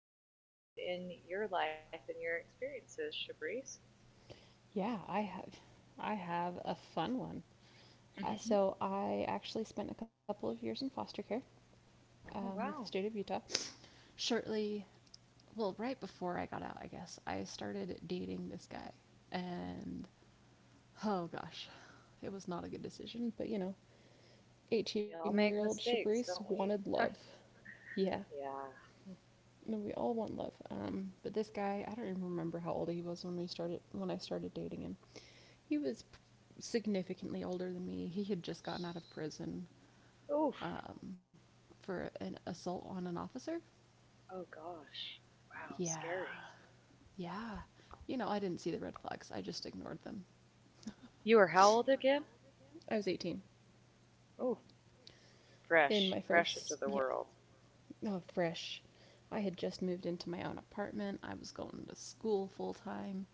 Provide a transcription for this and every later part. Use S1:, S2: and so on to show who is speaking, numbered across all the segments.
S1: what you've experienced in your life and your experiences, Shabrice.
S2: A fun one.
S1: Hmm.
S2: I actually spent a couple of years in foster care with the
S1: Oh,
S2: state of Utah.
S1: wow.
S2: Shortly, right before I got out, I guess, I started dating this guy. And
S1: Mm-hmm.
S2: oh gosh, it was not a good decision, but you know, 18 year
S1: We
S2: old
S1: all make
S2: Shabrice
S1: mistakes,
S2: wanted
S1: don't
S2: love.
S1: we?
S2: Yeah,
S1: Yeah.
S2: no, we all want love. But this guy, I don't even remember how old he was when I started dating him. He was significantly older than me. He had just gotten out of prison um,
S1: Oof.
S2: for an assault on an officer.
S1: Oh, gosh.
S2: Yeah,
S1: Wow, scary.
S2: yeah. You know, I didn't see the red flags. I just ignored them.
S1: You were how old again?
S2: I was 18
S1: Oh,
S2: in my
S1: fresh,
S2: first,
S1: fresh into
S2: yeah,
S1: the world.
S2: oh fresh. I had just moved into my own apartment. I was going to school full time.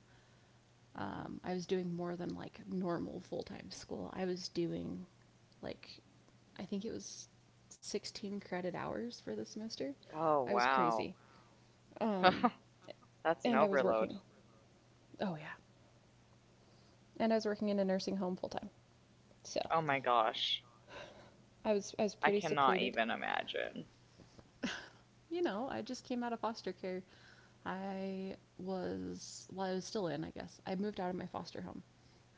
S1: Hmm.
S2: I was doing more than like normal full time school. I was doing like, I think it was 16 credit hours for the semester. I was
S1: Oh,
S2: crazy.
S1: wow.
S2: And I
S1: That's
S2: was
S1: an
S2: working.
S1: overload.
S2: Oh, yeah. And I was working in a nursing home full time. So
S1: Oh my gosh.
S2: I was pretty
S1: I cannot
S2: secluded.
S1: even imagine.
S2: You know, I just came out of foster care. I was still in, I guess. I moved out of my foster home.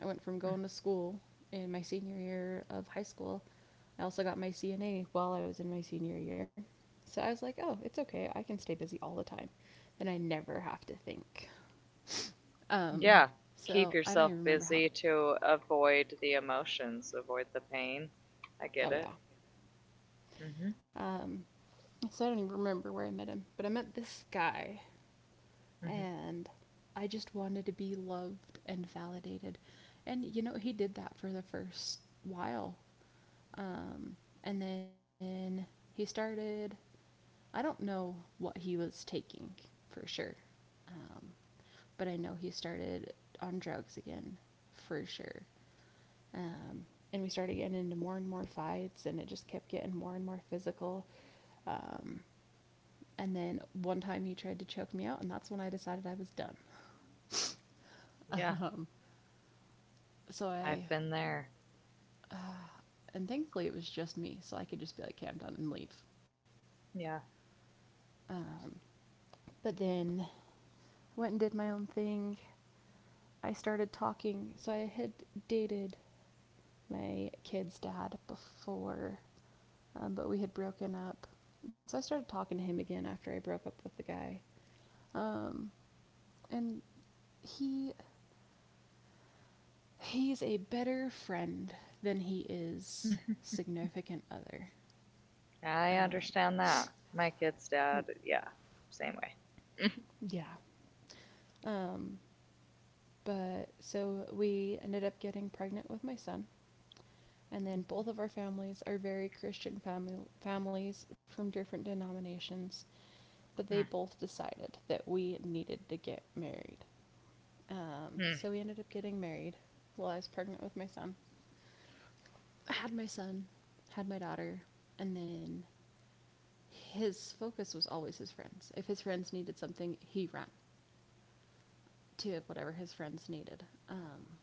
S2: I went from going to school in my senior year of high school. I also got my CNA while I was in my senior year. So I was like, oh, it's okay. I can stay busy all the time. And I never have to think. Um,
S1: Yeah, keep
S2: so I don't even
S1: yourself
S2: remember how.
S1: busy to avoid the emotions, avoid the pain. I
S2: Oh,
S1: get
S2: yeah.
S1: it. Mhm.
S2: Um, so I don't even remember where I met him, but I met this guy,
S1: Mhm.
S2: and I just wanted to be loved and validated, and you know he did that for the first while, um, and then he started. I don't know what he was taking for sure, um, but I know he started on drugs again for sure. Um, and we started getting into more and more fights, and it just kept getting more and more physical. Um, and then one time he tried to choke me out, and that's when I decided I was done.
S1: Yeah,
S2: Um, so I,
S1: I've been there.
S2: and thankfully it was just me, so I could just be like, okay, I'm done and leave.
S1: Yeah.
S2: Um, but then went and did my own thing. I started talking. So I had dated my kid's dad before, but we had broken up. So I started talking to him again after I broke up with the guy. Um, and he he's a better friend than he is significant other.
S1: I
S2: Um,
S1: understand that. My kid's dad, yeah, same way.
S2: yeah. Um, but we ended up getting pregnant with my son, and then both of our families are very Christian family families from different denominations, but they both decided that we needed to get married. So we ended
S1: Mhm.
S2: up getting married while I was pregnant with my son. I had my son, had my daughter, and then his focus was always his friends. If his friends needed something, he ran to whatever his friends needed,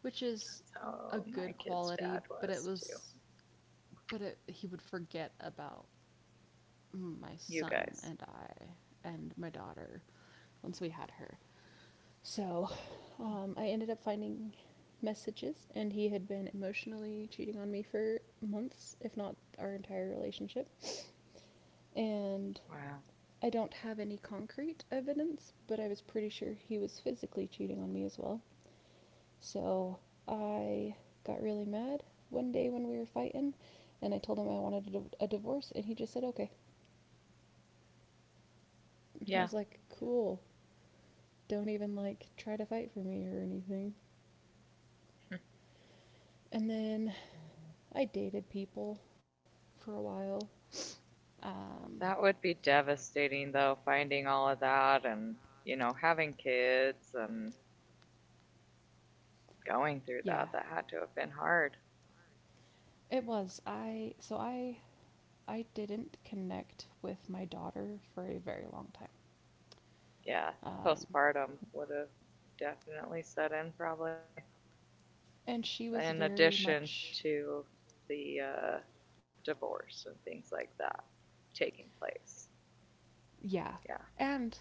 S2: which is a
S1: So
S2: good
S1: my kid's
S2: quality. But
S1: dad
S2: it
S1: was
S2: was,
S1: too.
S2: but it, he would forget about my
S1: You
S2: son and
S1: guys.
S2: I and my daughter once we had her. So I ended up finding messages, and he had been emotionally cheating on me for months, if not our entire relationship. And
S1: Wow.
S2: I don't have any concrete evidence, but I was pretty sure he was physically cheating on me as well. So I got really mad one day when we were fighting, and I told him I wanted a divorce, and he just said, okay. And I was like,
S1: Yeah.
S2: cool. Don't even like try to fight for me or anything. And then I dated people for a while. Um,
S1: That would be devastating, though, finding all of that and, having kids and going
S2: yeah,
S1: through that. That had to have been hard.
S2: it was. I so I didn't connect with my daughter for a very long time.
S1: Yeah.
S2: Um,
S1: Postpartum would have definitely set in, probably.
S2: and she was
S1: In
S2: very much
S1: addition to the divorce and things like that taking place.
S2: yeah.
S1: Yeah.
S2: And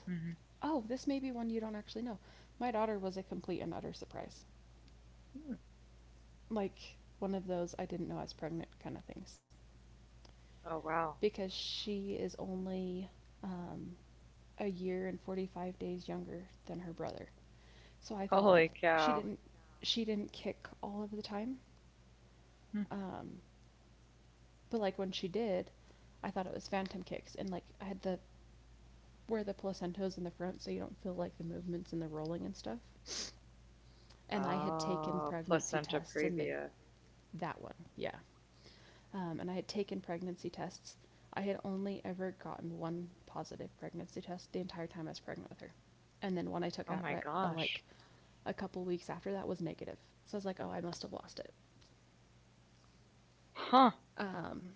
S2: oh, this may be one you don't actually know. My daughter was a complete and utter surprise.
S1: Mm-hmm. Hmm.
S2: Like one of those I didn't know I was pregnant kind of things,
S1: Oh, wow.
S2: because she is only um, a year and 45 days younger than her brother. So I thought like
S1: Holy
S2: she didn't
S1: cow.
S2: she didn't kick all of the time.
S1: Hmm.
S2: Um, but like when she did, I thought it was phantom kicks, and like I had the where the placentos in the front so you don't feel like the movements and the rolling and stuff. And I had taken
S1: Oh,
S2: pregnancy
S1: placenta
S2: tests and they
S1: previa.
S2: that one. Yeah, and I had taken pregnancy tests. I had only ever gotten one positive pregnancy test the entire time I was pregnant with her, and then one I took out
S1: Oh
S2: right
S1: my
S2: like
S1: gosh.
S2: a couple weeks after that was negative. So I was like, oh, I must have lost it.
S1: Huh.
S2: Um,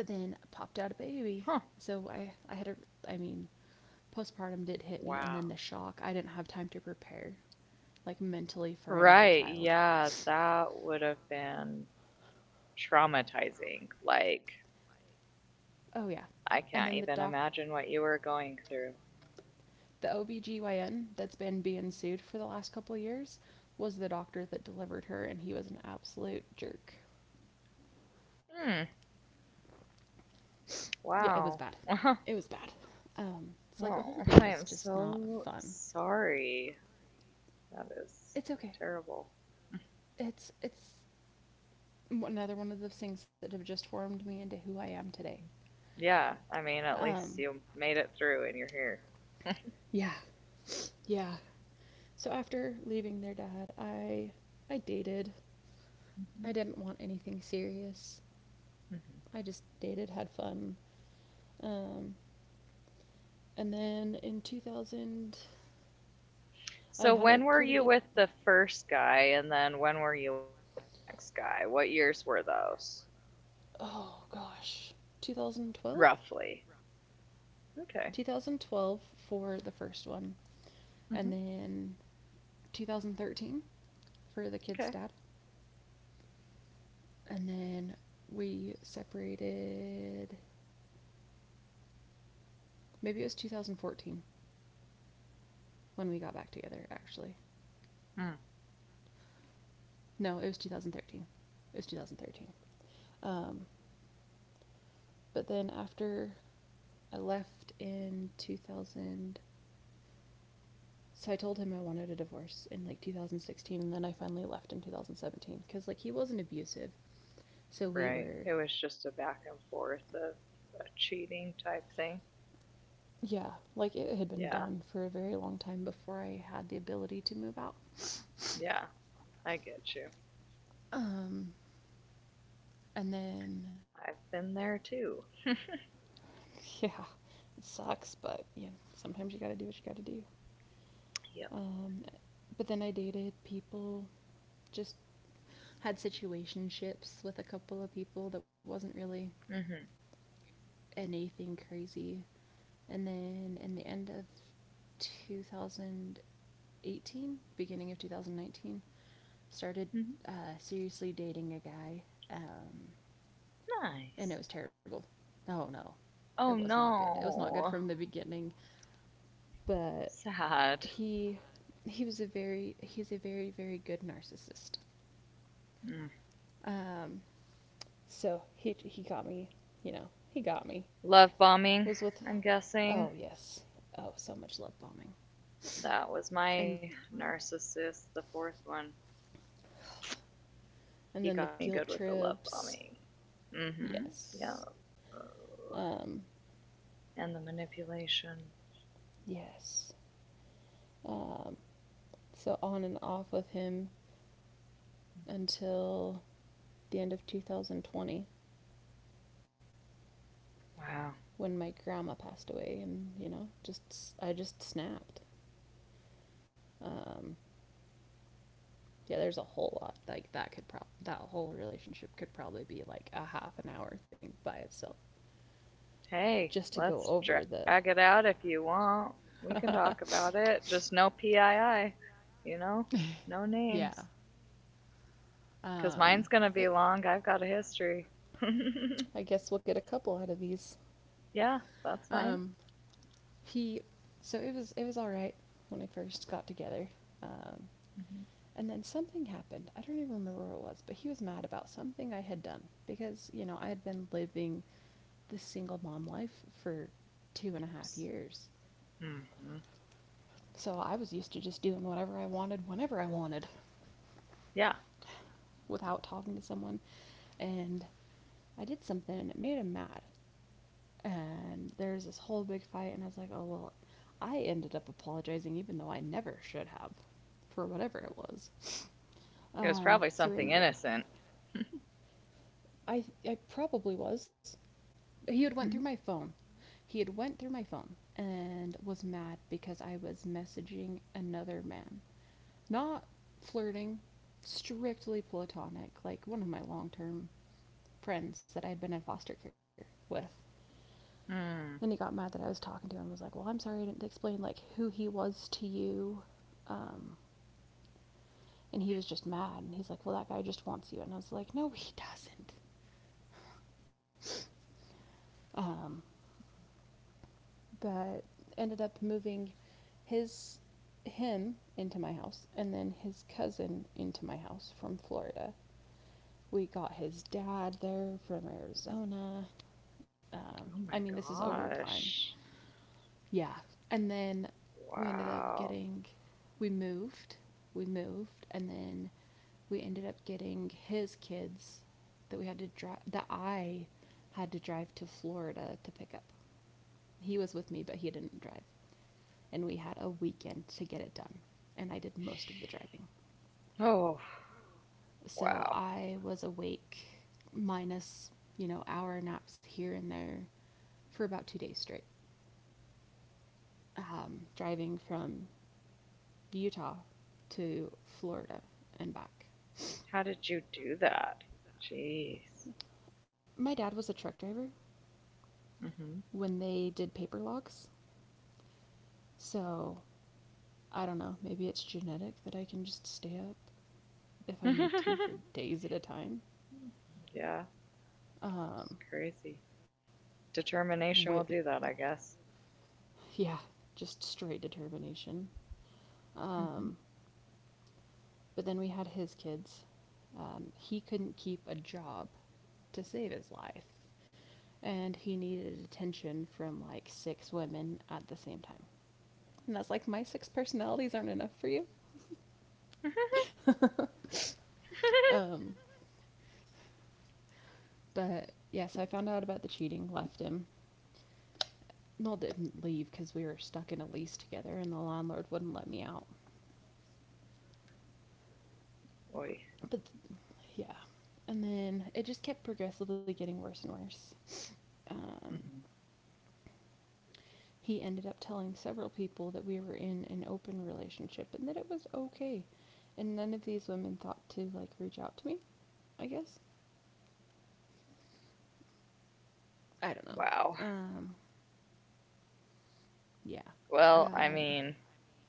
S2: but then I popped
S1: Huh.
S2: out a baby, so I had a I mean postpartum did hit
S1: Wow.
S2: me, and then the shock. I didn't have time to prepare, like mentally for another
S1: Right.
S2: child.
S1: Yeah, that would have been traumatizing. Like,
S2: Oh yeah.
S1: I
S2: And
S1: can't
S2: then
S1: even imagine what you were going through.
S2: the OBGYN that's been being sued for the last couple of years was the doctor that delivered her, and he was an absolute jerk.
S1: Hmm.
S2: Yeah, it was bad.
S1: Wow.
S2: It was bad. It's like the
S1: Oh,
S2: whole thing
S1: I
S2: was
S1: am
S2: just not
S1: so
S2: fun.
S1: sorry. That
S2: It's
S1: is
S2: okay.
S1: terrible.
S2: It's another one of the things that have just formed me into who I am today.
S1: Yeah, I mean, at
S2: Um,
S1: least you made it through and you're here.
S2: yeah, yeah. So after leaving their dad, I dated, I
S1: Hmm.
S2: didn't want anything serious. I
S1: Hmm.
S2: just dated, had fun. Um, and then in 2000, I
S1: So
S2: had a
S1: when were
S2: pretty so
S1: you
S2: good.
S1: with the first guy, and then when were you with the next guy? What years were those,
S2: Those? Oh gosh, 2012?
S1: roughly? Okay.
S2: 2012 for the first one.
S1: Hmm.
S2: And then 2013 for the
S1: Okay.
S2: kid's dad. So and then we separated. Maybe it was 2014 when we got back together. Actually,
S1: Mm.
S2: no, it was 2013. It was 2013. Um, but then after I left in 2000, so I told him I wanted a divorce in like 2016, and then I finally left in 2017 because like he wasn't abusive, so we
S1: Right. It
S2: were,
S1: was just a back and forth of a cheating type thing.
S2: yeah, like it had been
S1: Yeah.
S2: done for a very long time before I had the ability to move out.
S1: Yeah. I get you.
S2: Um, and then,
S1: I've been there too.
S2: yeah, it sucks, but yeah, sometimes you gotta do what you gotta do.
S1: Yep.
S2: Um, but then I dated people, just had situationships with a couple of people that wasn't really
S1: Mhm.
S2: anything crazy. And then in the end of 2018, beginning of 2019, started
S1: Mhm.
S2: seriously dating a guy. Um,
S1: Nice.
S2: and it was terrible. Oh no, it
S1: Oh
S2: was not good. It was not good from
S1: no.
S2: the beginning. But
S1: Sad.
S2: he he's a very good narcissist.
S1: Mm.
S2: Um, so he got me, you know, he got me.
S1: Love bombing.
S2: Was with,
S1: I'm
S2: oh
S1: guessing
S2: yes, oh so much love bombing,
S1: that was
S2: and
S1: my narcissist, the fourth one. He
S2: and
S1: got
S2: then
S1: me
S2: the
S1: good with
S2: guilt
S1: the love bombing.
S2: trips.
S1: Mm-hmm. Yeah.
S2: Yes,
S1: Oh,
S2: um,
S1: and the manipulation.
S2: yes. Um, so on and off with him until the end of 2020
S1: Wow.
S2: when my grandma passed away, and you know just I just snapped. um, yeah there's a whole lot like that whole relationship could probably be like a half an hour thing by itself just to
S1: Hey,
S2: go over
S1: let's
S2: the
S1: drag it out if you want. We can talk about it. Just no PII. You know, no
S2: yeah.
S1: names. Cause
S2: Um,
S1: mine's
S2: it,
S1: gonna be long. I've got a history.
S2: I guess we'll get a couple out of these.
S1: Yeah, that's
S2: Um,
S1: fine.
S2: he, so it was all right when we first got together. Um,
S1: Mm-hmm.
S2: and then something happened. I don't even remember what it was, but he was mad about something I had done because you know I had been living this single mom life for two and a half years,
S1: Mm hmm.
S2: so I was used to just doing whatever I wanted whenever I wanted
S1: Yeah,
S2: without talking to someone, and I did something and it made him mad. And there's this whole big fight, and I was like, oh well, I ended up apologizing even though I never should have, for whatever it was.
S1: it was probably something
S2: So we ended up.
S1: innocent.
S2: I probably was. He had went
S1: Mm-hmm.
S2: through my phone. He had went through my phone and was mad because I was messaging another man. Not flirting, strictly platonic, like one of my long term friends that I had been in foster care with.
S1: Mm.
S2: When he got mad that I was talking to him, I was like, well, I'm sorry I didn't explain like who he was to you. Um, and he was just mad and he's like, well that guy just wants you, and I was like, no, he doesn't. Um, but ended up moving his him into my house and then his cousin into my house from Florida. We got his dad there from Arizona.
S1: Oh my
S2: I mean, this is over time.
S1: gosh.
S2: Yeah. And then we ended up
S1: Wow.
S2: getting, we moved, and then we ended up getting his kids that I had to drive to Florida to pick up. He was with me, but he didn't drive. And we had a weekend to get it done. And I did most of the driving.
S1: Oh,
S2: So
S1: wow.
S2: I was awake minus, hour naps here and there for about 2 days straight. Driving from Utah to Florida and back.
S1: How did you do that? Jeez.
S2: My dad was a truck driver
S1: Hmm.
S2: when they did paper logs. So I don't know, maybe it's genetic that I can just stay up if I need to for days at a time.
S1: Yeah, it's
S2: Um,
S1: crazy. Determination will
S2: wi-
S1: do that, I guess.
S2: yeah, just straight determination.
S1: Hmm.
S2: Um, but then we had his kids. He couldn't keep a job to save his life. And he needed attention from like six women at the same time. And that's like, my six personalities aren't enough for you. Um, but yes, I found out about the cheating, left him. Noel didn't leave because we were stuck in a lease together and the landlord wouldn't let me out.
S1: Oy.
S2: But th- yeah. And then it just kept progressively getting worse and worse.
S1: Hmm.
S2: Um, He ended up telling several people that we were in an open relationship and that it was okay. And none of these women thought to like reach out to me, I guess. I don't know.
S1: Wow.
S2: Um, yeah.
S1: Well, I
S2: Um,
S1: mean,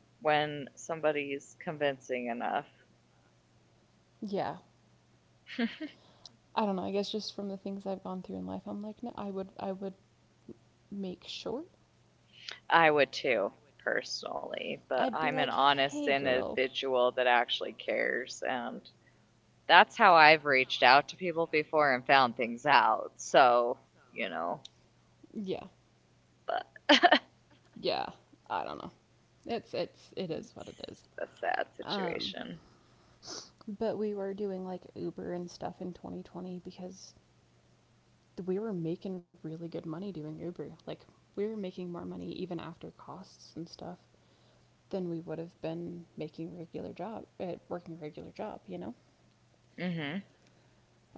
S1: when
S2: well,
S1: somebody's convincing enough,
S2: yeah. Yeah, I don't know. I guess just from the things I've gone through in life, I'm like, no, I would make sure.
S1: I would too, personally. But
S2: I'd be
S1: I'm an
S2: like,
S1: honest
S2: hey, girl.
S1: individual that actually cares, and that's how I've reached out to people before and found things out. So, you know,
S2: Yeah.
S1: but it's
S2: Yeah, I don't know. It's it is what it is.
S1: a sad
S2: Um,
S1: situation.
S2: but we were doing like Uber and stuff in 2020 because we were making really good money doing Uber. Like we were making more money even after costs and stuff than we would have been making regular job at working a regular job,
S1: Mm.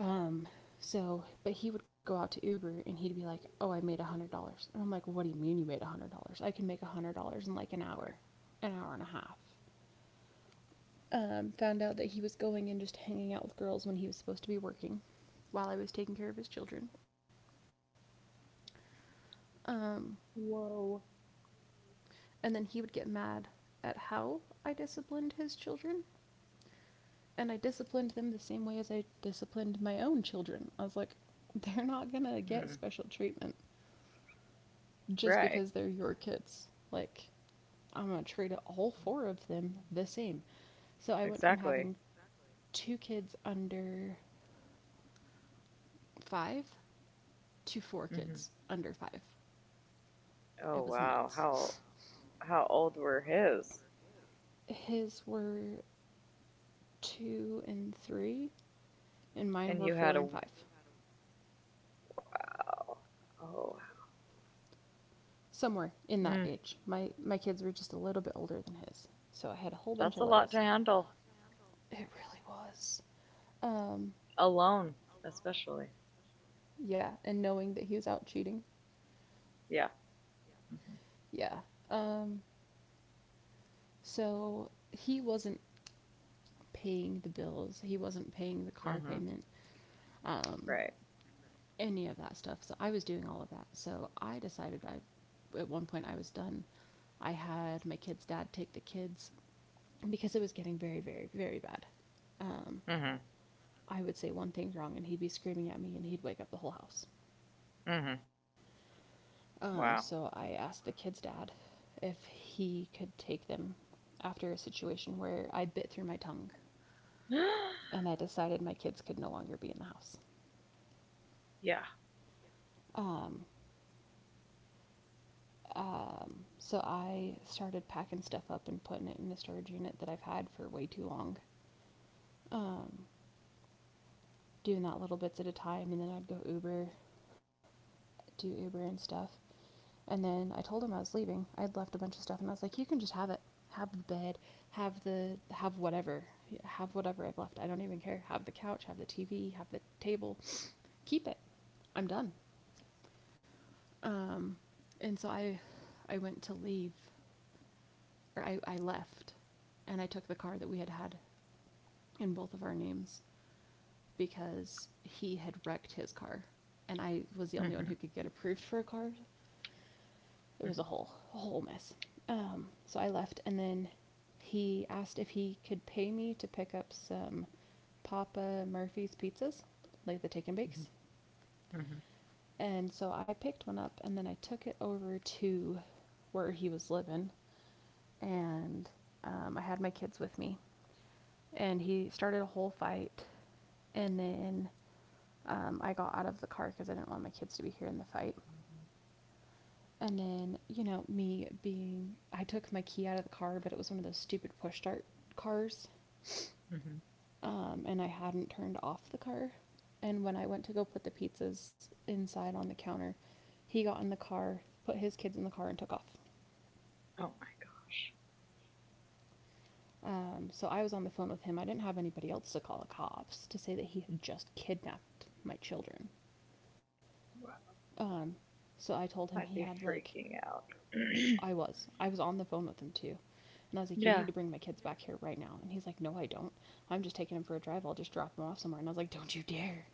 S2: Um, so, but he would go out to Uber and he'd be like, "Oh, I made $100," and I'm like, "What do you mean you made $100? I can make $100 in like an hour and a half." Found out that he was going and just hanging out with girls when he was supposed to be working while I was taking care of his children. Um,
S1: Whoa.
S2: and then he would get mad at how I disciplined his children. And I disciplined them the same way as I disciplined my own children. I was like, they're not gonna
S1: Hmm.
S2: get special treatment just
S1: Right.
S2: because they're your kids. Like, I'm gonna treat all four of them the same. So I went from
S1: Exactly.
S2: having two kids under five to
S1: Hmm.
S2: four kids under five.
S1: Oh,
S2: It
S1: wow.
S2: was nuts.
S1: How old were his?
S2: His were two and three, and
S1: And you
S2: mine were
S1: had a, oh.
S2: four and five.
S1: Oh,
S2: Somewhere
S1: mm,
S2: in that age. My kids were just a little bit older than his. So I had a
S1: that's
S2: whole
S1: a
S2: bunch of
S1: lot to
S2: littles.
S1: handle
S2: It really was. Um
S1: alone, especially.
S2: yeah, and knowing that he was out cheating.
S1: Yeah. Mm-hmm.
S2: Yeah. Um so he wasn't paying the bills. He wasn't paying the
S1: Mm-hmm.
S2: car payment.
S1: Right.
S2: Um any of that stuff. So I was doing all of that. So I decided at one point I was done. I had my kid's dad take the kids because it was getting very, very, very bad. Um,
S1: Mm-hmm.
S2: I would say one thing wrong and he'd be screaming at me and he'd wake up the whole house.
S1: Mm-hmm. Wow.
S2: So I asked the kid's dad if he could take them after a situation where I bit through my tongue and I decided my kids could no longer be in the house.
S1: Yeah.
S2: Um, so I started packing stuff up and putting it in the storage unit that I've had for way too long. Um, Doing that little bits at a time, and then I'd go Uber, do Uber and stuff. And then I told him I was leaving. I had left a bunch of stuff, and I was like, "You can just have it. Have the bed. Have whatever. Have whatever I've left. I don't even care. Have the couch. Have the TV. Have the table. Keep it. I'm done." Um, and so I went to leave or I left and I took the car that we had had in both of our names because he had wrecked his car and I was
S1: Mm-hmm.
S2: the only one who could get approved for a card.
S1: Mm-hmm.
S2: It was a whole mess. So I left and then he asked if he could pay me to pick up some Papa Murphy's pizzas, like the take and
S1: Mhm,
S2: bakes.
S1: mhm,
S2: And so I picked one up and then I took it over to where he was living and I had my kids with me and he started a whole fight. And then I got out of the car because I didn't want my kids to be hearing the fight. And then, I took my key out of the car, but it was one of those stupid push start cars.
S1: mhm.
S2: And I hadn't turned off the car. And when I went to go put the pizzas inside on the counter, he got in the car, put his kids in the car, and took off.
S1: Oh my gosh.
S2: So I was on the phone with him. I didn't have anybody else to call the cops to say that he had just kidnapped my children.
S1: Wow.
S2: Um, so I told
S1: I'd
S2: him
S1: be
S2: he had like,
S1: freaking out.
S2: I was on the phone with him too, and I was like, you
S1: Yeah,
S2: need to bring my kids back here right now. And he's like, no, I don't. I'm just taking them for a drive. I'll just drop them off somewhere. And I was like, don't you dare.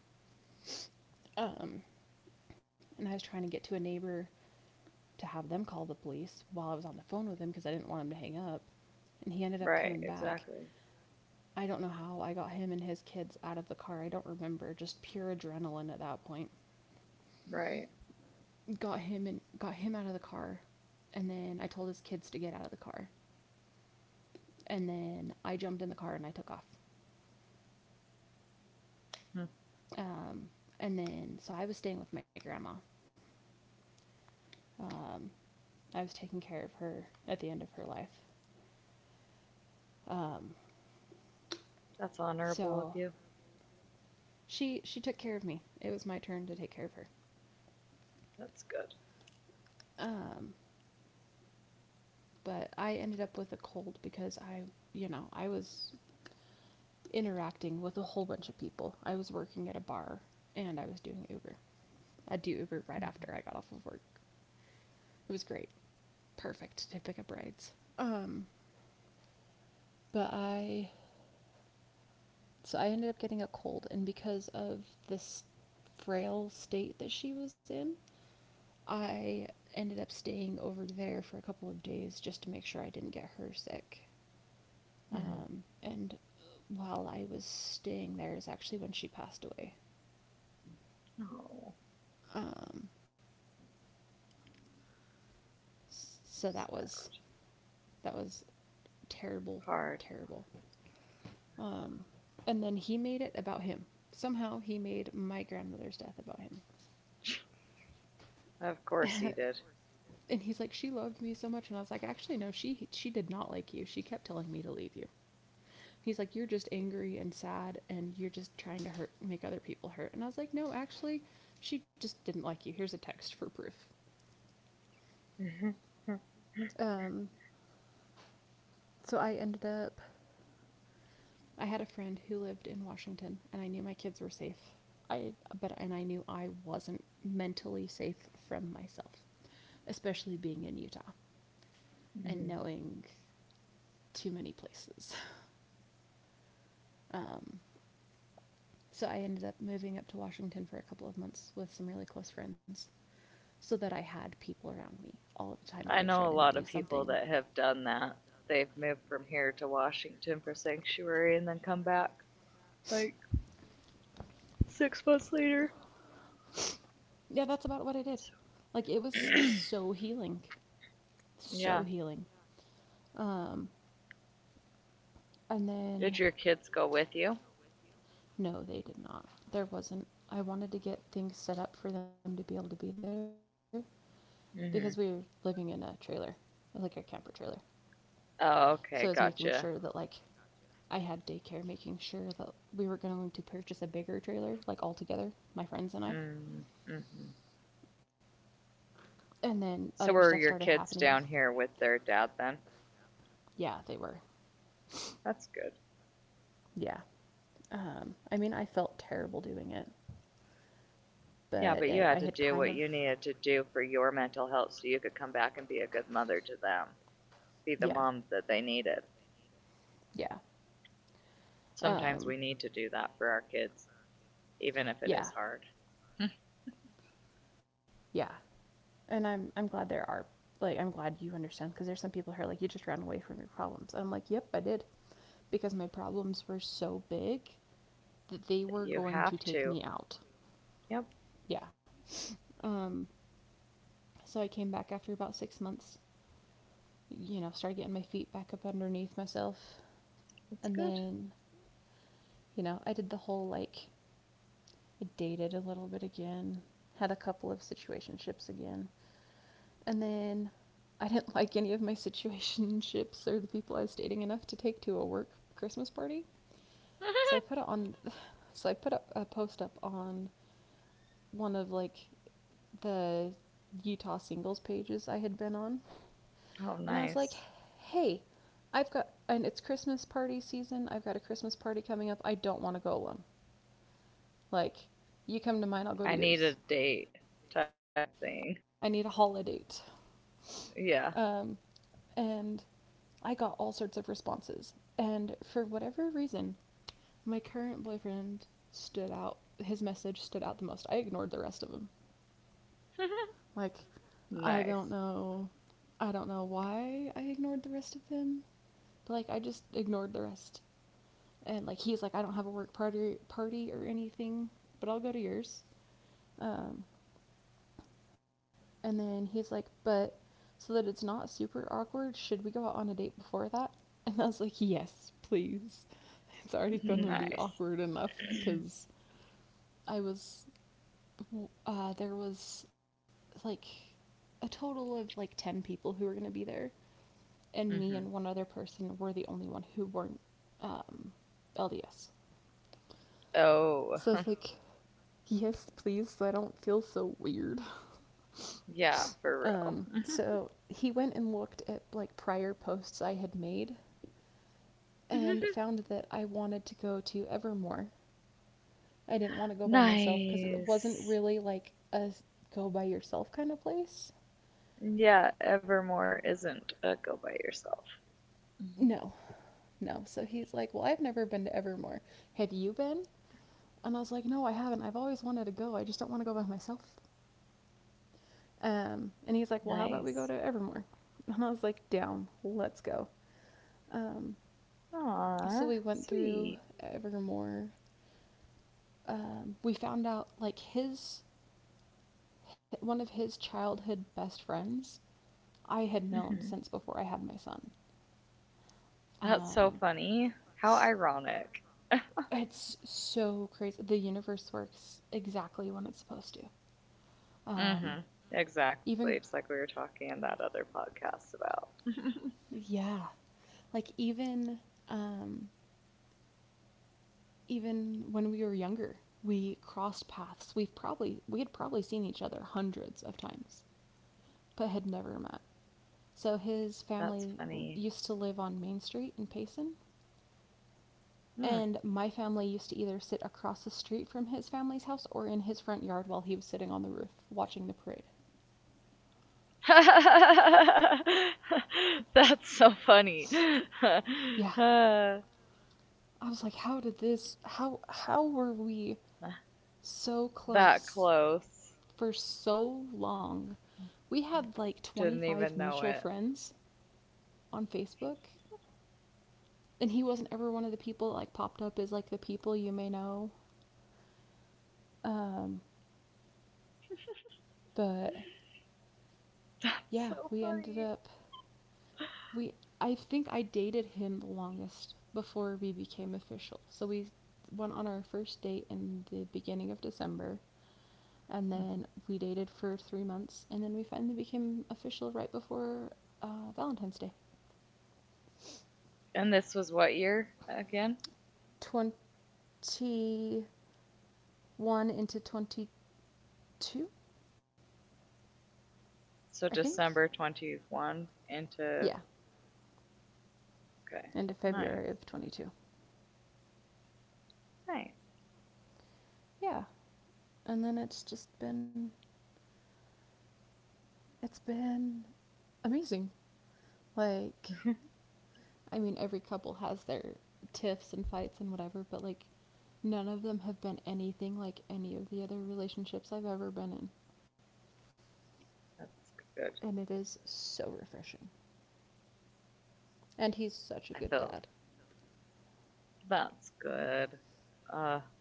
S2: Um, and I was trying to get to a neighbor to have them call the police while I was on the phone with him because I didn't want him to hang up. And he ended
S1: right,
S2: up coming
S1: exactly.
S2: back. I don't know how I got him and his kids out of the car. I don't remember. Just pure adrenaline at that point.
S1: Right.
S2: Got him and got him out of the car, and then I told his kids to get out of the car, and then I jumped in the car and I took off.
S1: Hmm.
S2: Um, and then I was staying with my grandma. Um, I was taking care of her at the end of her life. Um,
S1: That's honorable of you.
S2: so she took care of me. It was my turn to take care of her.
S1: That's good.
S2: Um, but I ended up with a cold because I was interacting with a whole bunch of people. I was working at a bar and I was doing Uber. I do Uber
S1: Hmm.
S2: right after I got off of work. It was great. Perfect to pick up rides. Um, but I so I ended up getting a cold and because of this frail state that she was in, I ended up staying over there for a couple of days just to make sure I didn't get her sick.
S1: Hmm.
S2: And while I was staying there is actually when she passed away.
S1: Oh,
S2: Um, so that
S1: sad.
S2: was that was terrible,
S1: Hard.
S2: terrible. Um, and then he made it about him. Somehow he made my grandmother's death about him.
S1: Of course he did.
S2: And he's like, she loved me so much, and I was like, actually, no, she did not like you. She kept telling me to leave you. He's like, you're just angry and sad, and you're just trying to hurt, make other people hurt. And I was like, no, actually, she just didn't like you. Here's a text for proof.
S1: Hmm. Hmm.
S2: Um, so I ended up I had a friend who lived in Washington, and I knew my kids were safe. I but and I knew I wasn't mentally safe from myself, especially being in Utah and knowing too many places. Um, so I ended up moving up to Washington for a couple of months with some really close friends so that I had people around me all of the time to make
S1: I
S2: sure I
S1: know a
S2: didn't do
S1: lot of
S2: something.
S1: people that have done that. They've moved from here to Washington for sanctuary and then come back like six months later.
S2: Yeah, that's about what I
S1: So,
S2: did. Like it was so healing,
S1: yeah.
S2: so healing. Um, and then
S1: Did your kids go with you?
S2: No, they did not. There wasn't. I wanted to get things set up for them to be able to be there because we were living in
S1: Hmm.
S2: a trailer, like a camper trailer. So I was
S1: Oh,
S2: making
S1: okay,
S2: sure that like
S1: gotcha.
S2: I had daycare, making sure that we were going to purchase a bigger trailer, like all together, my friends and I.
S1: Mm-hmm.
S2: And then
S1: So
S2: other
S1: were
S2: stuff
S1: your
S2: started
S1: kids
S2: happening
S1: down
S2: with
S1: here with their dad then?
S2: yeah they were
S1: That's good.
S2: yeah. I mean I felt terrible doing it
S1: Yeah, but
S2: but
S1: you had to
S2: I had
S1: do what
S2: kind of
S1: you needed to do for your mental health so you could come back and be a good mother to them, be the
S2: yeah
S1: mom that they needed.
S2: yeah
S1: Sometimes
S2: um,
S1: we need to do that for our kids, even if it is
S2: yeah.
S1: hard.
S2: Yeah. And I'm glad there are like I'm glad you understand because there's some people who are like you just ran away from your problems. And I'm like, "Yep, I did." Because my problems were so big that they were
S1: But you
S2: going to
S1: have
S2: take me
S1: to.
S2: out.
S1: Yep,
S2: Yeah. Um so I came back after about 6 months, you know, started getting my feet back up underneath myself. And
S1: that's good.
S2: then I did the whole like, I dated a little bit again, had a couple of situationships again. And then I didn't like any of my situationships or the people I was dating enough to take to a work Christmas party. So I put it on. So I put a post up on one of like the Utah singles pages I had been on, and I
S1: Oh,
S2: was like,
S1: nice.
S2: "Hey, I've got and it's Christmas party season. I've got a Christmas party coming up. I don't want to go alone. Like, you come to mine, I'll go to
S1: I need a
S2: yours.
S1: date type
S2: I need a
S1: thing.
S2: holiday date." Um,
S1: Yeah.
S2: and I got all sorts of responses. And for whatever reason, my current boyfriend stood out. His message stood out the most. I ignored the rest of them. Like, I don't
S1: Nice.
S2: know. I don't know why I ignored the rest of them. But, like, I just ignored the rest. And, like, he's like, I don't have a party or anything, but I'll go to yours. Um, And then he's like, but so that it's not super awkward, should we go out on a date before that? And I was like, yes, please. It's already gonna be
S1: Nice.
S2: awkward enough because I was, there was like a total of like 10 people who were gonna be there, and me and
S1: Hmm.
S2: one other person were the only one who weren't um, LDS. So I
S1: Oh,
S2: was like, yes, please, so I don't feel so weird.
S1: yeah, for real.
S2: So he went and looked at like prior posts I had made and found that I wanted to go to Evermore. I didn't want to go by myself because it wasn't
S1: Nice.
S2: really like a go by yourself kind of place.
S1: Yeah, Evermore isn't a go by yourself. Mhm.
S2: No, no. So he's like, well, I've never been to Evermore. Have you been? And I was like, no, I haven't. I've always wanted to go. I just don't want to go by myself. And he's like, well, how
S1: Nice.
S2: about we go to Evermore? And I was like, down. Let's go. Um,
S1: Aw,
S2: so we went
S1: sweet.
S2: through Evermore. We found out like his one of his childhood best friends I had known
S1: Hmm.
S2: since before I had my son.
S1: That's so
S2: Um,
S1: funny. How ironic.
S2: it's so crazy. The universe works exactly when it's supposed to. Um,
S1: Hmm. Exactly,
S2: even
S1: just like we were talking in that other podcast about.
S2: yeah, like even um, Even when we were younger, we crossed paths. We had probably seen each other hundreds of times, but had never met. So his
S1: That's
S2: family
S1: funny.
S2: used to live on Main Street in Payson,
S1: Hmm.
S2: and my family used to either sit across the street from his family's house or in his front yard while he was sitting on the roof watching the parade.
S1: That's so funny.
S2: Yeah, I was like, how did this? How were we so
S1: That
S2: close
S1: close.
S2: for so long? We had like
S1: Didn't
S2: 25
S1: even know
S2: mutual
S1: it.
S2: friends on Facebook, and he wasn't ever one of the people that like popped up as like the people you may know. Um, but
S1: That's
S2: yeah,
S1: so
S2: we ended
S1: funny.
S2: up we I think I dated him the longest before we became official. So we went on our first date in the beginning of December and
S1: Mm-hmm.
S2: then we dated for 3 months and then we finally became official right before Valentine's Day.
S1: And this was what year again?
S2: 21 into 22, I
S1: So
S2: think.
S1: December 21
S2: Yeah,
S1: into. Okay.
S2: into
S1: Nice.
S2: February of 22.
S1: Nice.
S2: Yeah. And then it's just been, it's been amazing. Like I mean, every couple has their tiffs and fights and whatever, but like none of them have been anything like any of the other relationships I've ever been in.
S1: That's good.
S2: And it is so refreshing. And he's such a
S1: I
S2: good dad.
S1: feel that's good. Uh,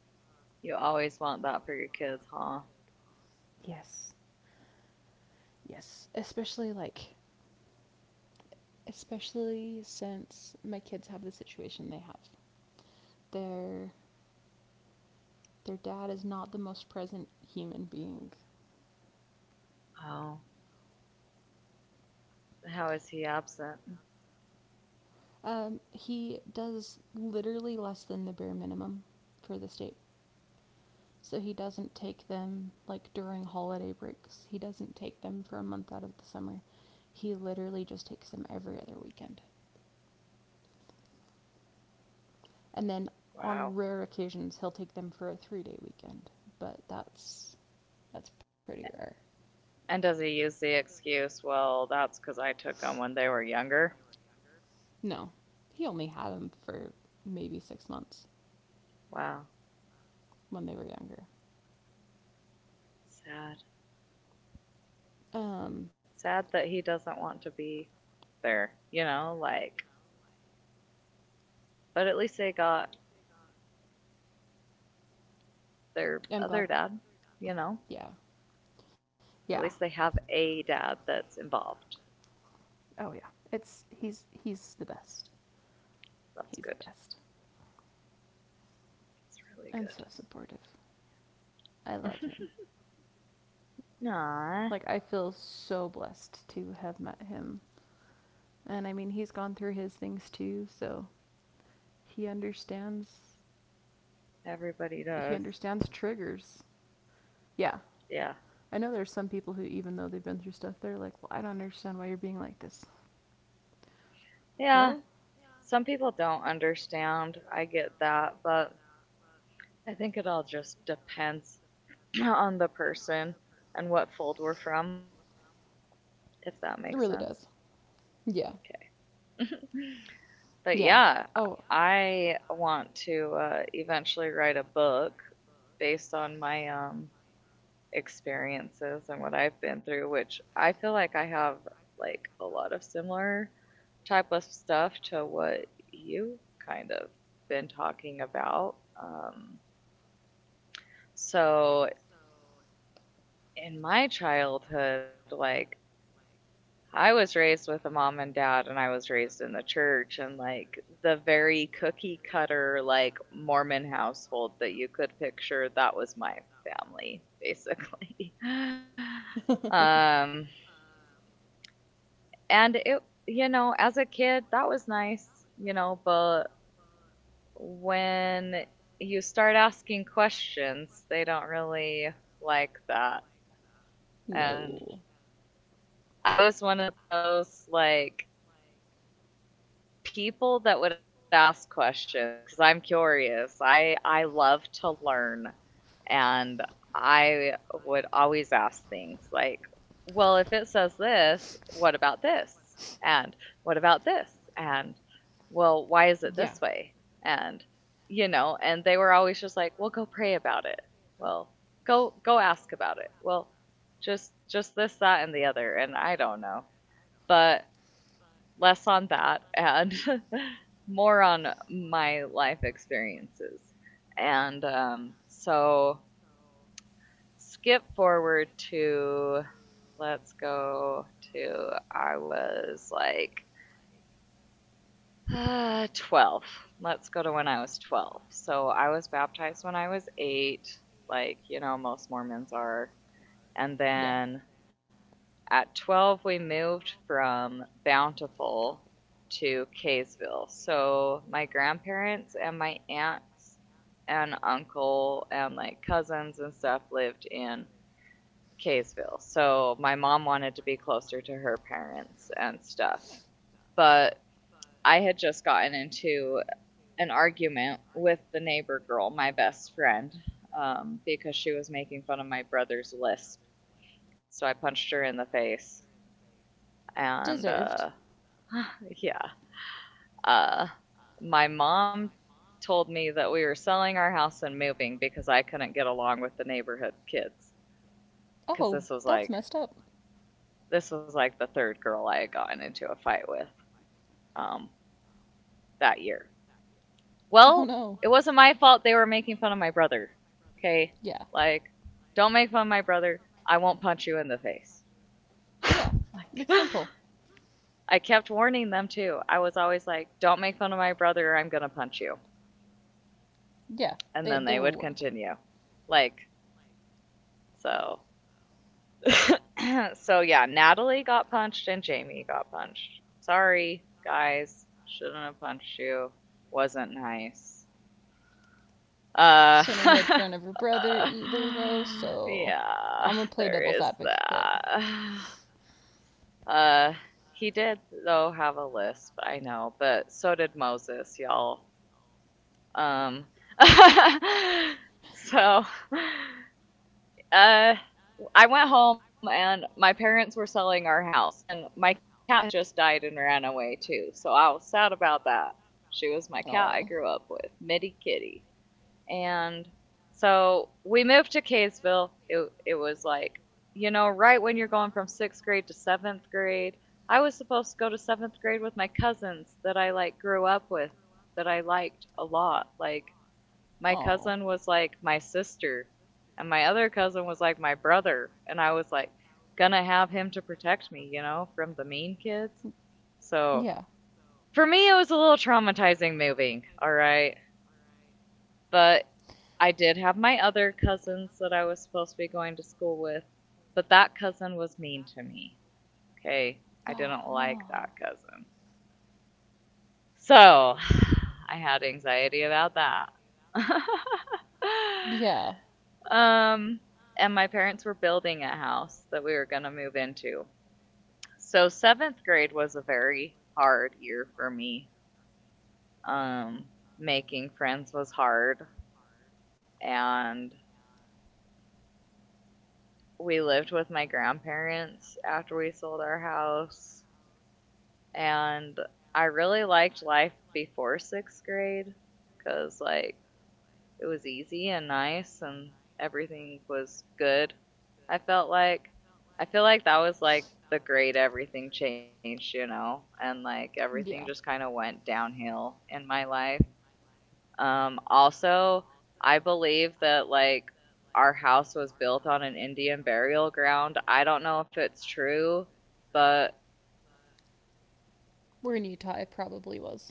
S1: you always want that for your kids, huh?
S2: Yes. Yes. Especially like, especially since my kids have the situation they have. Their their dad is not the most present human being.
S1: Oh, how is he absent?
S2: He does literally less than the bare minimum for the state. So he doesn't take them like during holiday breaks. He doesn't take them for a month out of the summer. He literally just takes them every other weekend. And then on
S1: Wow.
S2: rare occasions he'll take them for a 3-day weekend, but that's pretty rare.
S1: And does he use the excuse, well, that's because I took them when they were younger?
S2: No. He only had them for maybe 6 months
S1: Wow.
S2: when they were younger.
S1: Sad.
S2: Um
S1: Sad that he doesn't want to be there, you know, like, but at least they got their
S2: I'm glad,
S1: other dad, you know?
S2: yeah. Yeah,
S1: At least they have a dad that's involved.
S2: oh yeah, it's he's the best. He's the
S1: That's
S2: best,
S1: good. It's
S2: and so
S1: really
S2: supportive. I love him.
S1: good.
S2: Like
S1: Nah,
S2: I feel so blessed to have met him, and I mean he's gone through his things too, so he understands.
S1: everybody
S2: He
S1: does.
S2: understands triggers. Yeah,
S1: Yeah.
S2: I know there's some people who, even though they've been through stuff, they're like, "Well, I don't understand why you're being like this."
S1: Yeah.
S2: Well,
S1: Some people don't understand. I get that, but I think it all just depends on the person and what fold we're from, if that makes
S2: it really
S1: sense.
S2: does. Yeah.
S1: Okay. But
S2: Yeah.
S1: yeah,
S2: Oh
S1: I want to eventually write a book based on my experiences and what I've been through, which I feel like I have like a lot of similar type of stuff to what you've kind of been talking about. Um, so in my childhood, like I was raised with a mom and dad, and I was raised in the church, and like the very cookie cutter, like Mormon household that you could picture, that was my family, basically. um, and it, you know, as a kid, that was nice, you know, but when you start asking questions, they don't really like that. And
S2: no.
S1: I was one of those, like, people that would ask questions because I'm curious. I love to learn, and I would always ask things like, "Well, if it says this, what about this? And what about this? And well, why is it
S2: Yeah.
S1: this way?" And you know, and they were always just like, "Well, go pray about it. Well, go ask about it. Well, just this, that, and the other." And I don't know, but less on that and more on my life experiences. And so skip forward to let's go to I was like uh, 12. Let's go to when I was 12. So I was baptized when I was 8, like, you know, most Mormons are. And
S2: Yeah.
S1: then at 12, we moved from Bountiful to Kaysville. So my grandparents and my aunts and uncle and like cousins and stuff lived in Kaysville. So my mom wanted to be closer to her parents and stuff. But I had just gotten into an argument with the neighbor girl, my best friend, because she was making fun of my brother's lisp. So I punched her in the face and
S2: Deserved.
S1: yeah. Uh, my mom told me that we were selling our house and moving because I couldn't get along with the neighborhood kids. Because
S2: Oh, that's messed up.
S1: this was like the third girl I had gotten into a fight with um, that year.
S2: Oh
S1: Well,
S2: no.
S1: it wasn't my fault they were making fun of my brother. Okay,
S2: Yeah.
S1: like don't make fun of my brother. I won't punch you in the face.
S2: Yeah. That's
S1: Like,
S2: simple.
S1: I kept warning them too. I was always like, don't make fun of my brother. Or I'm gonna punch you.
S2: Yeah.
S1: And then
S2: They
S1: they
S2: were
S1: would
S2: warned.
S1: continue. Like, so. So yeah, Natalie got punched and Jamie got punched. Sorry, guys. Shouldn't have punched you. Wasn't nice. Uh
S2: Shouldn't have made fun of her brother either though, so
S1: yeah,
S2: I'm gonna play
S1: there
S2: devil's
S1: is
S2: advocate.
S1: that. Uh he did though have a lisp, I know, but so did Moses, y'all. Um so Uh, I went home and my parents were selling our house, and my cat had just died and ran away too. So I was sad about that. She was my cat
S2: Oh.
S1: I grew up with, Mitty Kitty. And so we moved to Kaysville. It was like, you know, right when you're going from sixth grade to seventh grade. I was supposed to go to seventh grade with my cousins that I like grew up with, that I liked a lot. Like, my
S2: Oh.
S1: cousin was like my sister, and my other cousin was like my brother, and I was like gonna have him to protect me, you know, from the mean kids.
S2: Yeah.
S1: So for me, it was a little traumatizing moving, all right? But I did have my other cousins that I was supposed to be going to school with, but that cousin was mean to me, okay?
S2: Oh
S1: I didn't
S2: no.
S1: like that cousin. So I had anxiety about that.
S2: Yeah.
S1: Um, and my parents were building a house that we were going to move into. So, seventh grade was a very hard year for me. Um, Making friends was hard. And we lived with my grandparents after we sold our house. And I really liked life before sixth grade because, like, it was easy and nice and everything was good. I felt like I feel like that was like the great everything changed, you know, and like everything just
S2: Yeah.
S1: kind of went downhill in my life. Also, I believe that like our house was built on an Indian burial ground. I don't know if it's true, but
S2: We're in Utah. It probably was.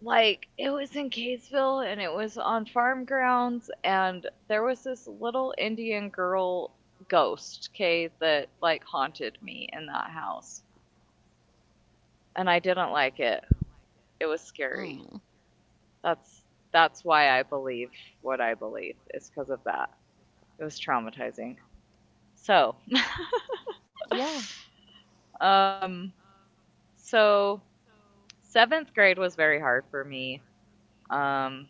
S1: like it was in Kaysville and it was on farm grounds and there was this little Indian girl ghost, okay, that like haunted me in that house. And I didn't like it. It was scary.
S2: Mm.
S1: That's that's why I believe what I believe is because of that. It was traumatizing. So,
S2: Yeah.
S1: um so seventh grade was very hard for me. Um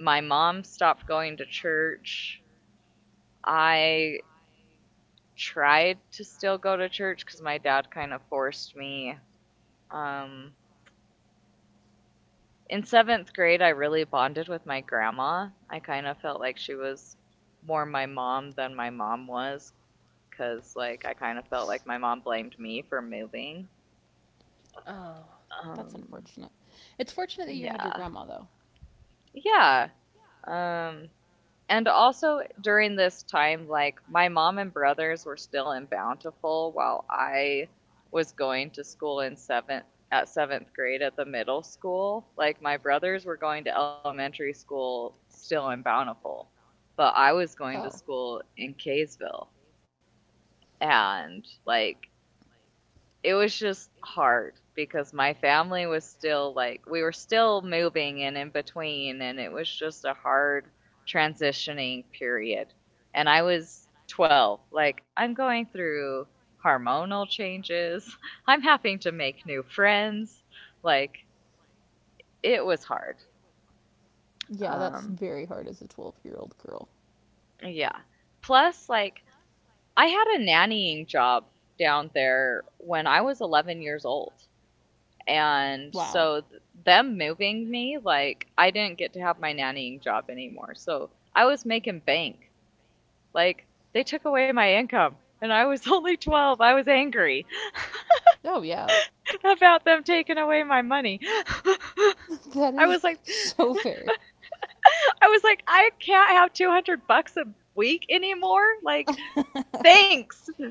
S1: my mom stopped going to church. I tried to still go to church because my dad kind of forced me. Um, in seventh grade, I really bonded with my grandma. I kind of felt like she was more my mom than my mom was because, like, I kind of felt like my mom blamed me for moving.
S2: Oh, that's
S1: Um,
S2: unfortunate. It's fortunate that you had your
S1: yeah.
S2: grandma though.
S1: Yeah. Um, and also during this time, like my mom and brothers were still in Bountiful while I was going to school in seventh grade at the middle school. Like my brothers were going to elementary school still in Bountiful, but I was going to school in Kaysville. And like it was just hard because my family was still like we were still moving and in between and it was just a hard transitioning period, and I was 12. Like, I'm going through hormonal changes, I'm having to make new friends. Like, it was hard.
S2: Yeah, that's
S1: um
S2: very hard as a 12-year-old girl.
S1: yeah, plus like I had a nannying job down there when I was 11 years old, and
S2: Wow.
S1: so them moving me, like, I didn't get to have my nannying job anymore. So I was making bank. Like, they took away my income, and I was only 12. I was angry
S2: Yeah, oh, yeah.
S1: about them taking away my money.
S2: That
S1: I was
S2: is
S1: like,
S2: so fair.
S1: I was like, I can't have 200 bucks a week anymore. Like, thanks.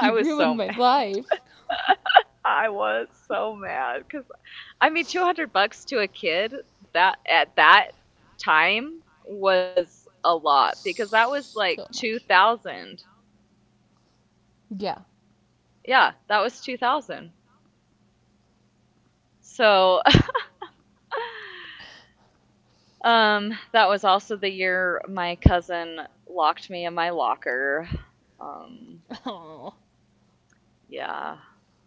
S2: You
S1: i was
S2: ruined my
S1: so
S2: life.
S1: I was so mad because, I mean, 200 bucks to a kid that at that time was a lot because that was like
S2: So
S1: two
S2: much.
S1: thousand.
S2: Yeah.
S1: Yeah, that was 2,000. So, that was also the year my cousin locked me in my locker. Um,
S2: Oh.
S1: yeah,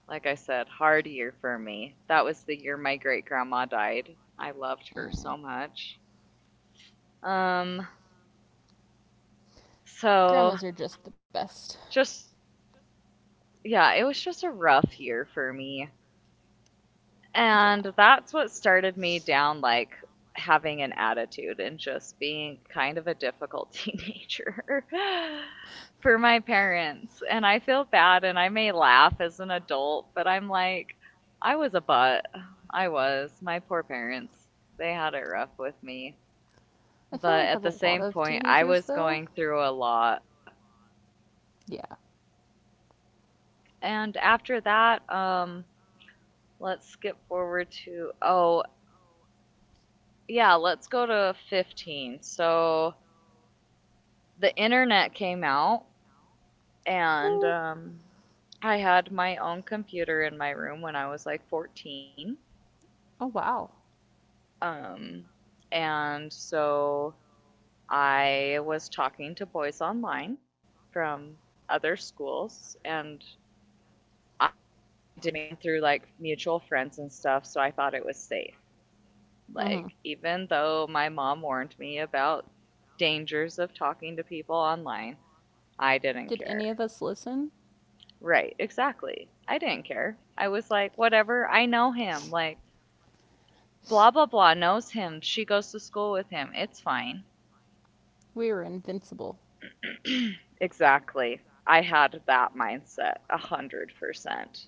S1: like I said, hard year for me. That was the year my great grandma died. I loved her
S2: Mm.
S1: so much. Um, So
S2: Grandmas are just the
S1: just,
S2: best.
S1: yeah, it was just a rough year for me. And that's what
S2: Yeah.
S1: started me down like having an attitude and just being kind of a difficult teenager for my parents. And I feel bad and I may laugh as an adult, but I'm like, I was a butt. I was. My poor parents, they had it rough with me.
S2: I feel
S1: But
S2: like
S1: at
S2: that's a
S1: the
S2: lot
S1: same
S2: of
S1: point, I
S2: teenagers
S1: was
S2: though.
S1: going through a lot.
S2: Yeah.
S1: And after that, let's skip forward to, oh, yeah, let's go to 15. So the internet came out, and
S2: Ooh.
S1: I had my own computer in my room when I was like 14.
S2: Oh wow.
S1: Um, and so I was talking to boys online from other schools, and I did meet them through like mutual friends and stuff, so I thought it was safe.
S2: Mhm.
S1: Like, even though my mom warned me about dangers of talking to people online, I didn't
S2: Did any
S1: care.
S2: of us listen?
S1: Right, exactly. I didn't care. I was like, whatever, I know him. Like, blah, blah, blah knows him. She goes to school with him. It's fine.
S2: We were invincible.
S1: Exactly. I had that mindset a 100%.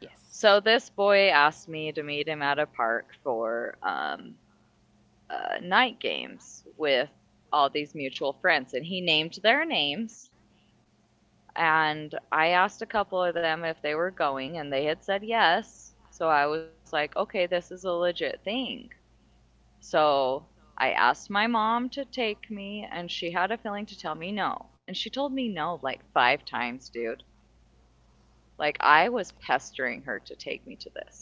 S2: Yes.
S1: So this boy asked me to meet him at a park for night games with all these mutual friends, and he named their names. And I asked a couple of them if they were going, and they had said yes. So I was like, okay, this is a legit thing. So I asked my mom to take me, and she had a feeling to tell me no. And she told me no like five times, dude. Like, I was pestering her to take me to this.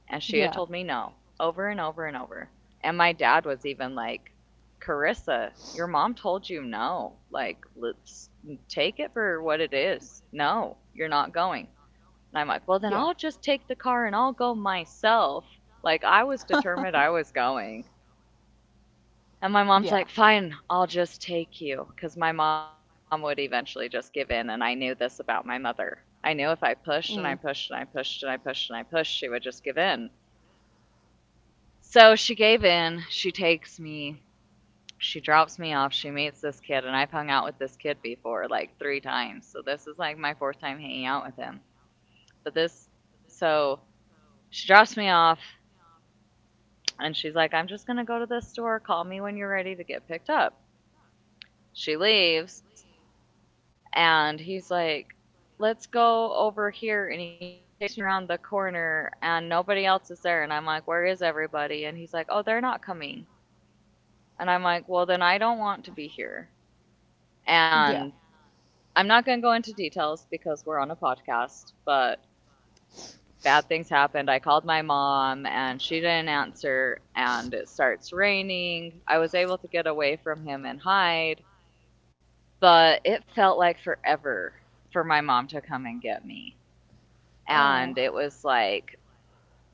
S1: And she had told
S2: Yeah.
S1: me no over and over and over. And my dad was even like, Carissa, your mom told you no. Like, let's take it for what it is. No, you're not going. And I'm like, well, then I'll
S2: Yeah.
S1: just take the car and I'll go myself. Like, I was determined I was going. And my mom's
S2: Yeah.
S1: like, fine, I'll just take you. Because my mom would eventually just give in. And I knew this about my mother. I knew if I pushed and I
S2: Mm.
S1: pushed and I pushed and I pushed and I pushed, she would just give in. So she gave in. She takes me. She drops me off. She meets this kid, and I've hung out with this kid before, like three times. So this is like my fourth time hanging out with him. But this, so she drops me off, and she's like, "I'm just gonna go to this store. Call me when you're ready to get picked up." She leaves, and he's like, "Let's go over here." And he takes me around the corner, and nobody else is there. And I'm like, "Where is everybody?" And he's like, "Oh, they're not coming." And I'm like, "Well, then I don't want to be here."
S2: Yeah.
S1: And I'm not going to go into details because we're on a podcast, but bad things happened. I called my mom and she didn't answer, and it starts raining. I was able to get away from him and hide, but it felt like forever for my mom to come and get me. And
S2: Oh.
S1: it was like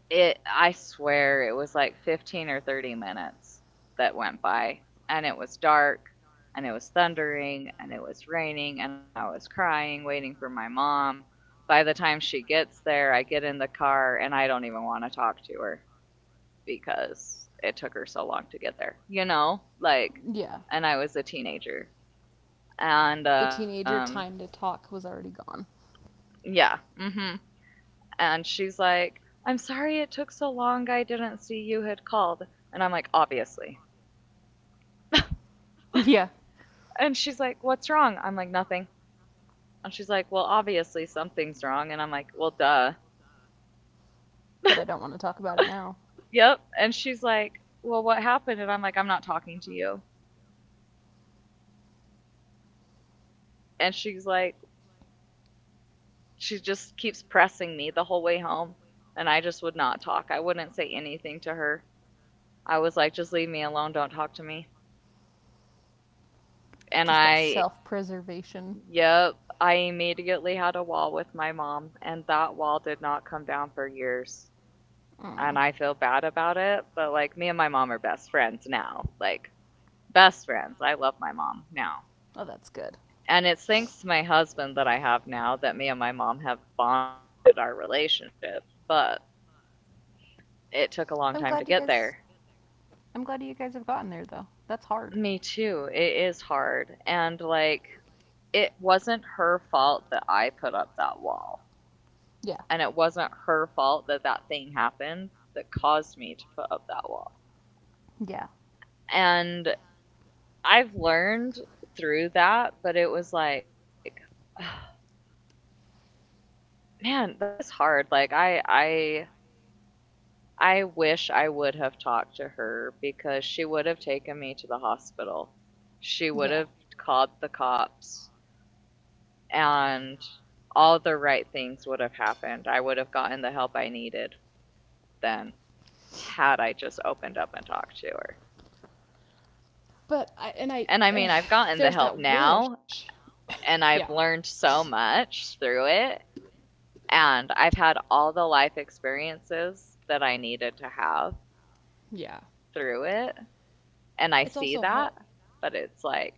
S1: It I swear it was like 15 or 30 minutes that went by, and it was dark and it was thundering and it was raining and I was crying waiting for my mom. By the time she gets there, I get in the car and I don't even want to talk to her because it took her so long to get there. You know, like,
S2: Yeah.
S1: and I was a teenager. And
S2: The teenager
S1: um,
S2: time to talk was already gone.
S1: yeah. Mhm. And she's like, I'm sorry it took so long. I didn't see you had called. And I'm like, obviously.
S2: Yeah.
S1: And she's like, what's wrong? I'm like, nothing. And she's like, well, obviously something's wrong. And I'm like, well, duh.
S2: But I don't want to talk about it now.
S1: Yep. And she's like, well, what happened? And I'm like, I'm not talking to you. And she's like, she just keeps pressing me the whole way home. And I just would not talk. I wouldn't say anything to her. I was like, just leave me alone. Don't talk to me. And
S2: Just that
S1: I
S2: self preservation.
S1: Yep. I immediately had a wall with my mom, and that wall did not come down for years. And
S2: Mm.
S1: I feel bad about it, but like me and my mom are best friends now. Like, best friends. I love my mom now.
S2: Oh, that's good.
S1: And it's thanks to my husband that I have now that me and my mom have bonded our relationship, but it took a long
S2: I'm
S1: time to
S2: glad you
S1: get
S2: guys.
S1: there.
S2: I'm glad you guys have gotten there, though. That's hard.
S1: Me too. It is hard. And like, it wasn't her fault that I put up that wall. And
S2: Yeah.
S1: it wasn't her fault that that thing happened that caused me to put up that wall.
S2: Yeah.
S1: And I've learned through that, but it was like man, that was hard. Like I wish I would have talked to her because she would have taken me to the hospital. She
S2: Yeah.
S1: would have called the cops and all the right things would have happened. I would have gotten the help I needed then had I just opened up and talked to her.
S2: But I and I
S1: And I mean, I've gotten the
S2: there's
S1: help
S2: that
S1: now
S2: wish.
S1: and
S2: Yeah.
S1: I've learned so much through it. And I've had all the life experiences that I needed to have
S2: Yeah.
S1: through it. And I
S2: It's
S1: see
S2: also hard
S1: that, but it's like,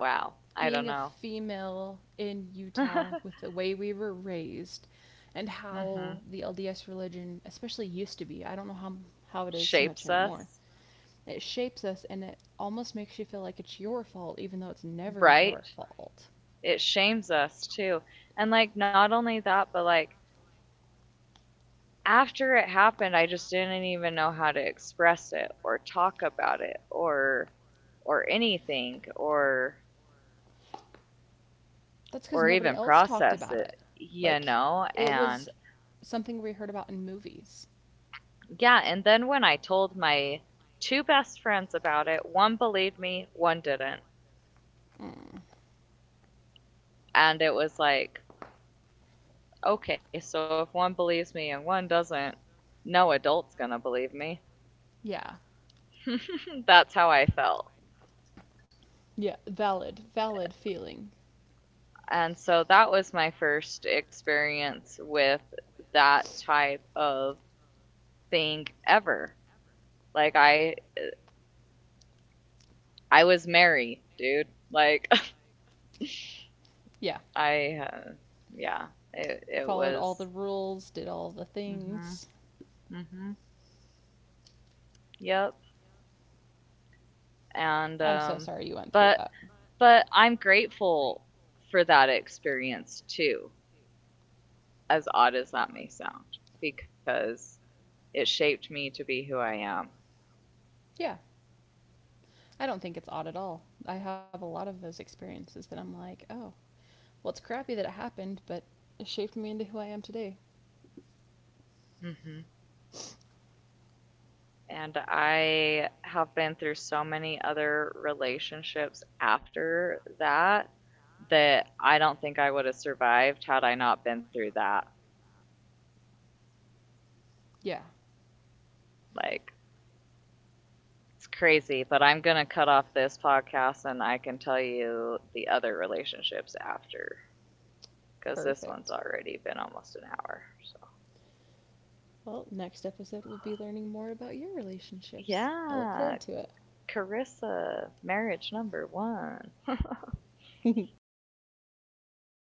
S1: wow,
S2: being
S1: I
S2: a
S1: don't know.
S2: female in Utah with the way we were raised and
S1: hmm
S2: how the LDS religion, especially used to be, I don't know how it is so much
S1: Shapes
S2: anymore,
S1: us,
S2: it shapes us and it almost makes you feel like it's your fault, even though it's never your
S1: right?
S2: fault.
S1: It shames us too. And like, not only that, but like, after it happened, I just didn't even know how to express it or talk about it or anything
S2: That's because
S1: or
S2: nobody
S1: even
S2: else talked
S1: process
S2: about it.
S1: it, you
S2: Like,
S1: know?
S2: it was
S1: And
S2: something we heard about in movies.
S1: yeah, and then when I told my two best friends about it, one believed me, one didn't.
S2: Mm.
S1: And it was like, okay, so if one believes me and one doesn't, no adult's gonna believe me.
S2: Yeah.
S1: That's how I felt.
S2: Yeah. Valid, valid feeling.
S1: And so that was my first experience with that type of thing ever. Like I was Mary, dude. Like
S2: Yeah.
S1: I yeah, it
S2: Followed all the
S1: was
S2: rules, did all the
S1: mhm
S2: things.
S1: mhm yep. And
S2: I'm so sorry you went through
S1: but
S2: that. But,
S1: but I'm
S2: but I'm
S1: grateful
S2: grateful
S1: for that
S2: for that
S1: experience
S2: experience
S1: too,
S2: too.
S1: as odd as that may sound, because it shaped me to be who I am.
S2: Yeah. I don't think it's odd at all. I have a lot of those experiences that I'm like, oh, well, it's crappy that it happened, but it shaped me into who I am today.
S1: Mhm. And I have been through so many other relationships after that that I don't think I would have survived had I not been through that.
S2: Yeah,
S1: Like, it's crazy, but I'm going to cut off this podcast and I can tell you the other relationships after because this
S2: perfect.
S1: one's already been almost an hour. So,
S2: Well, next episode, we'll be learning more about your relationships. I look forward
S1: yeah,
S2: to
S1: Carissa, marriage number one.
S2: it.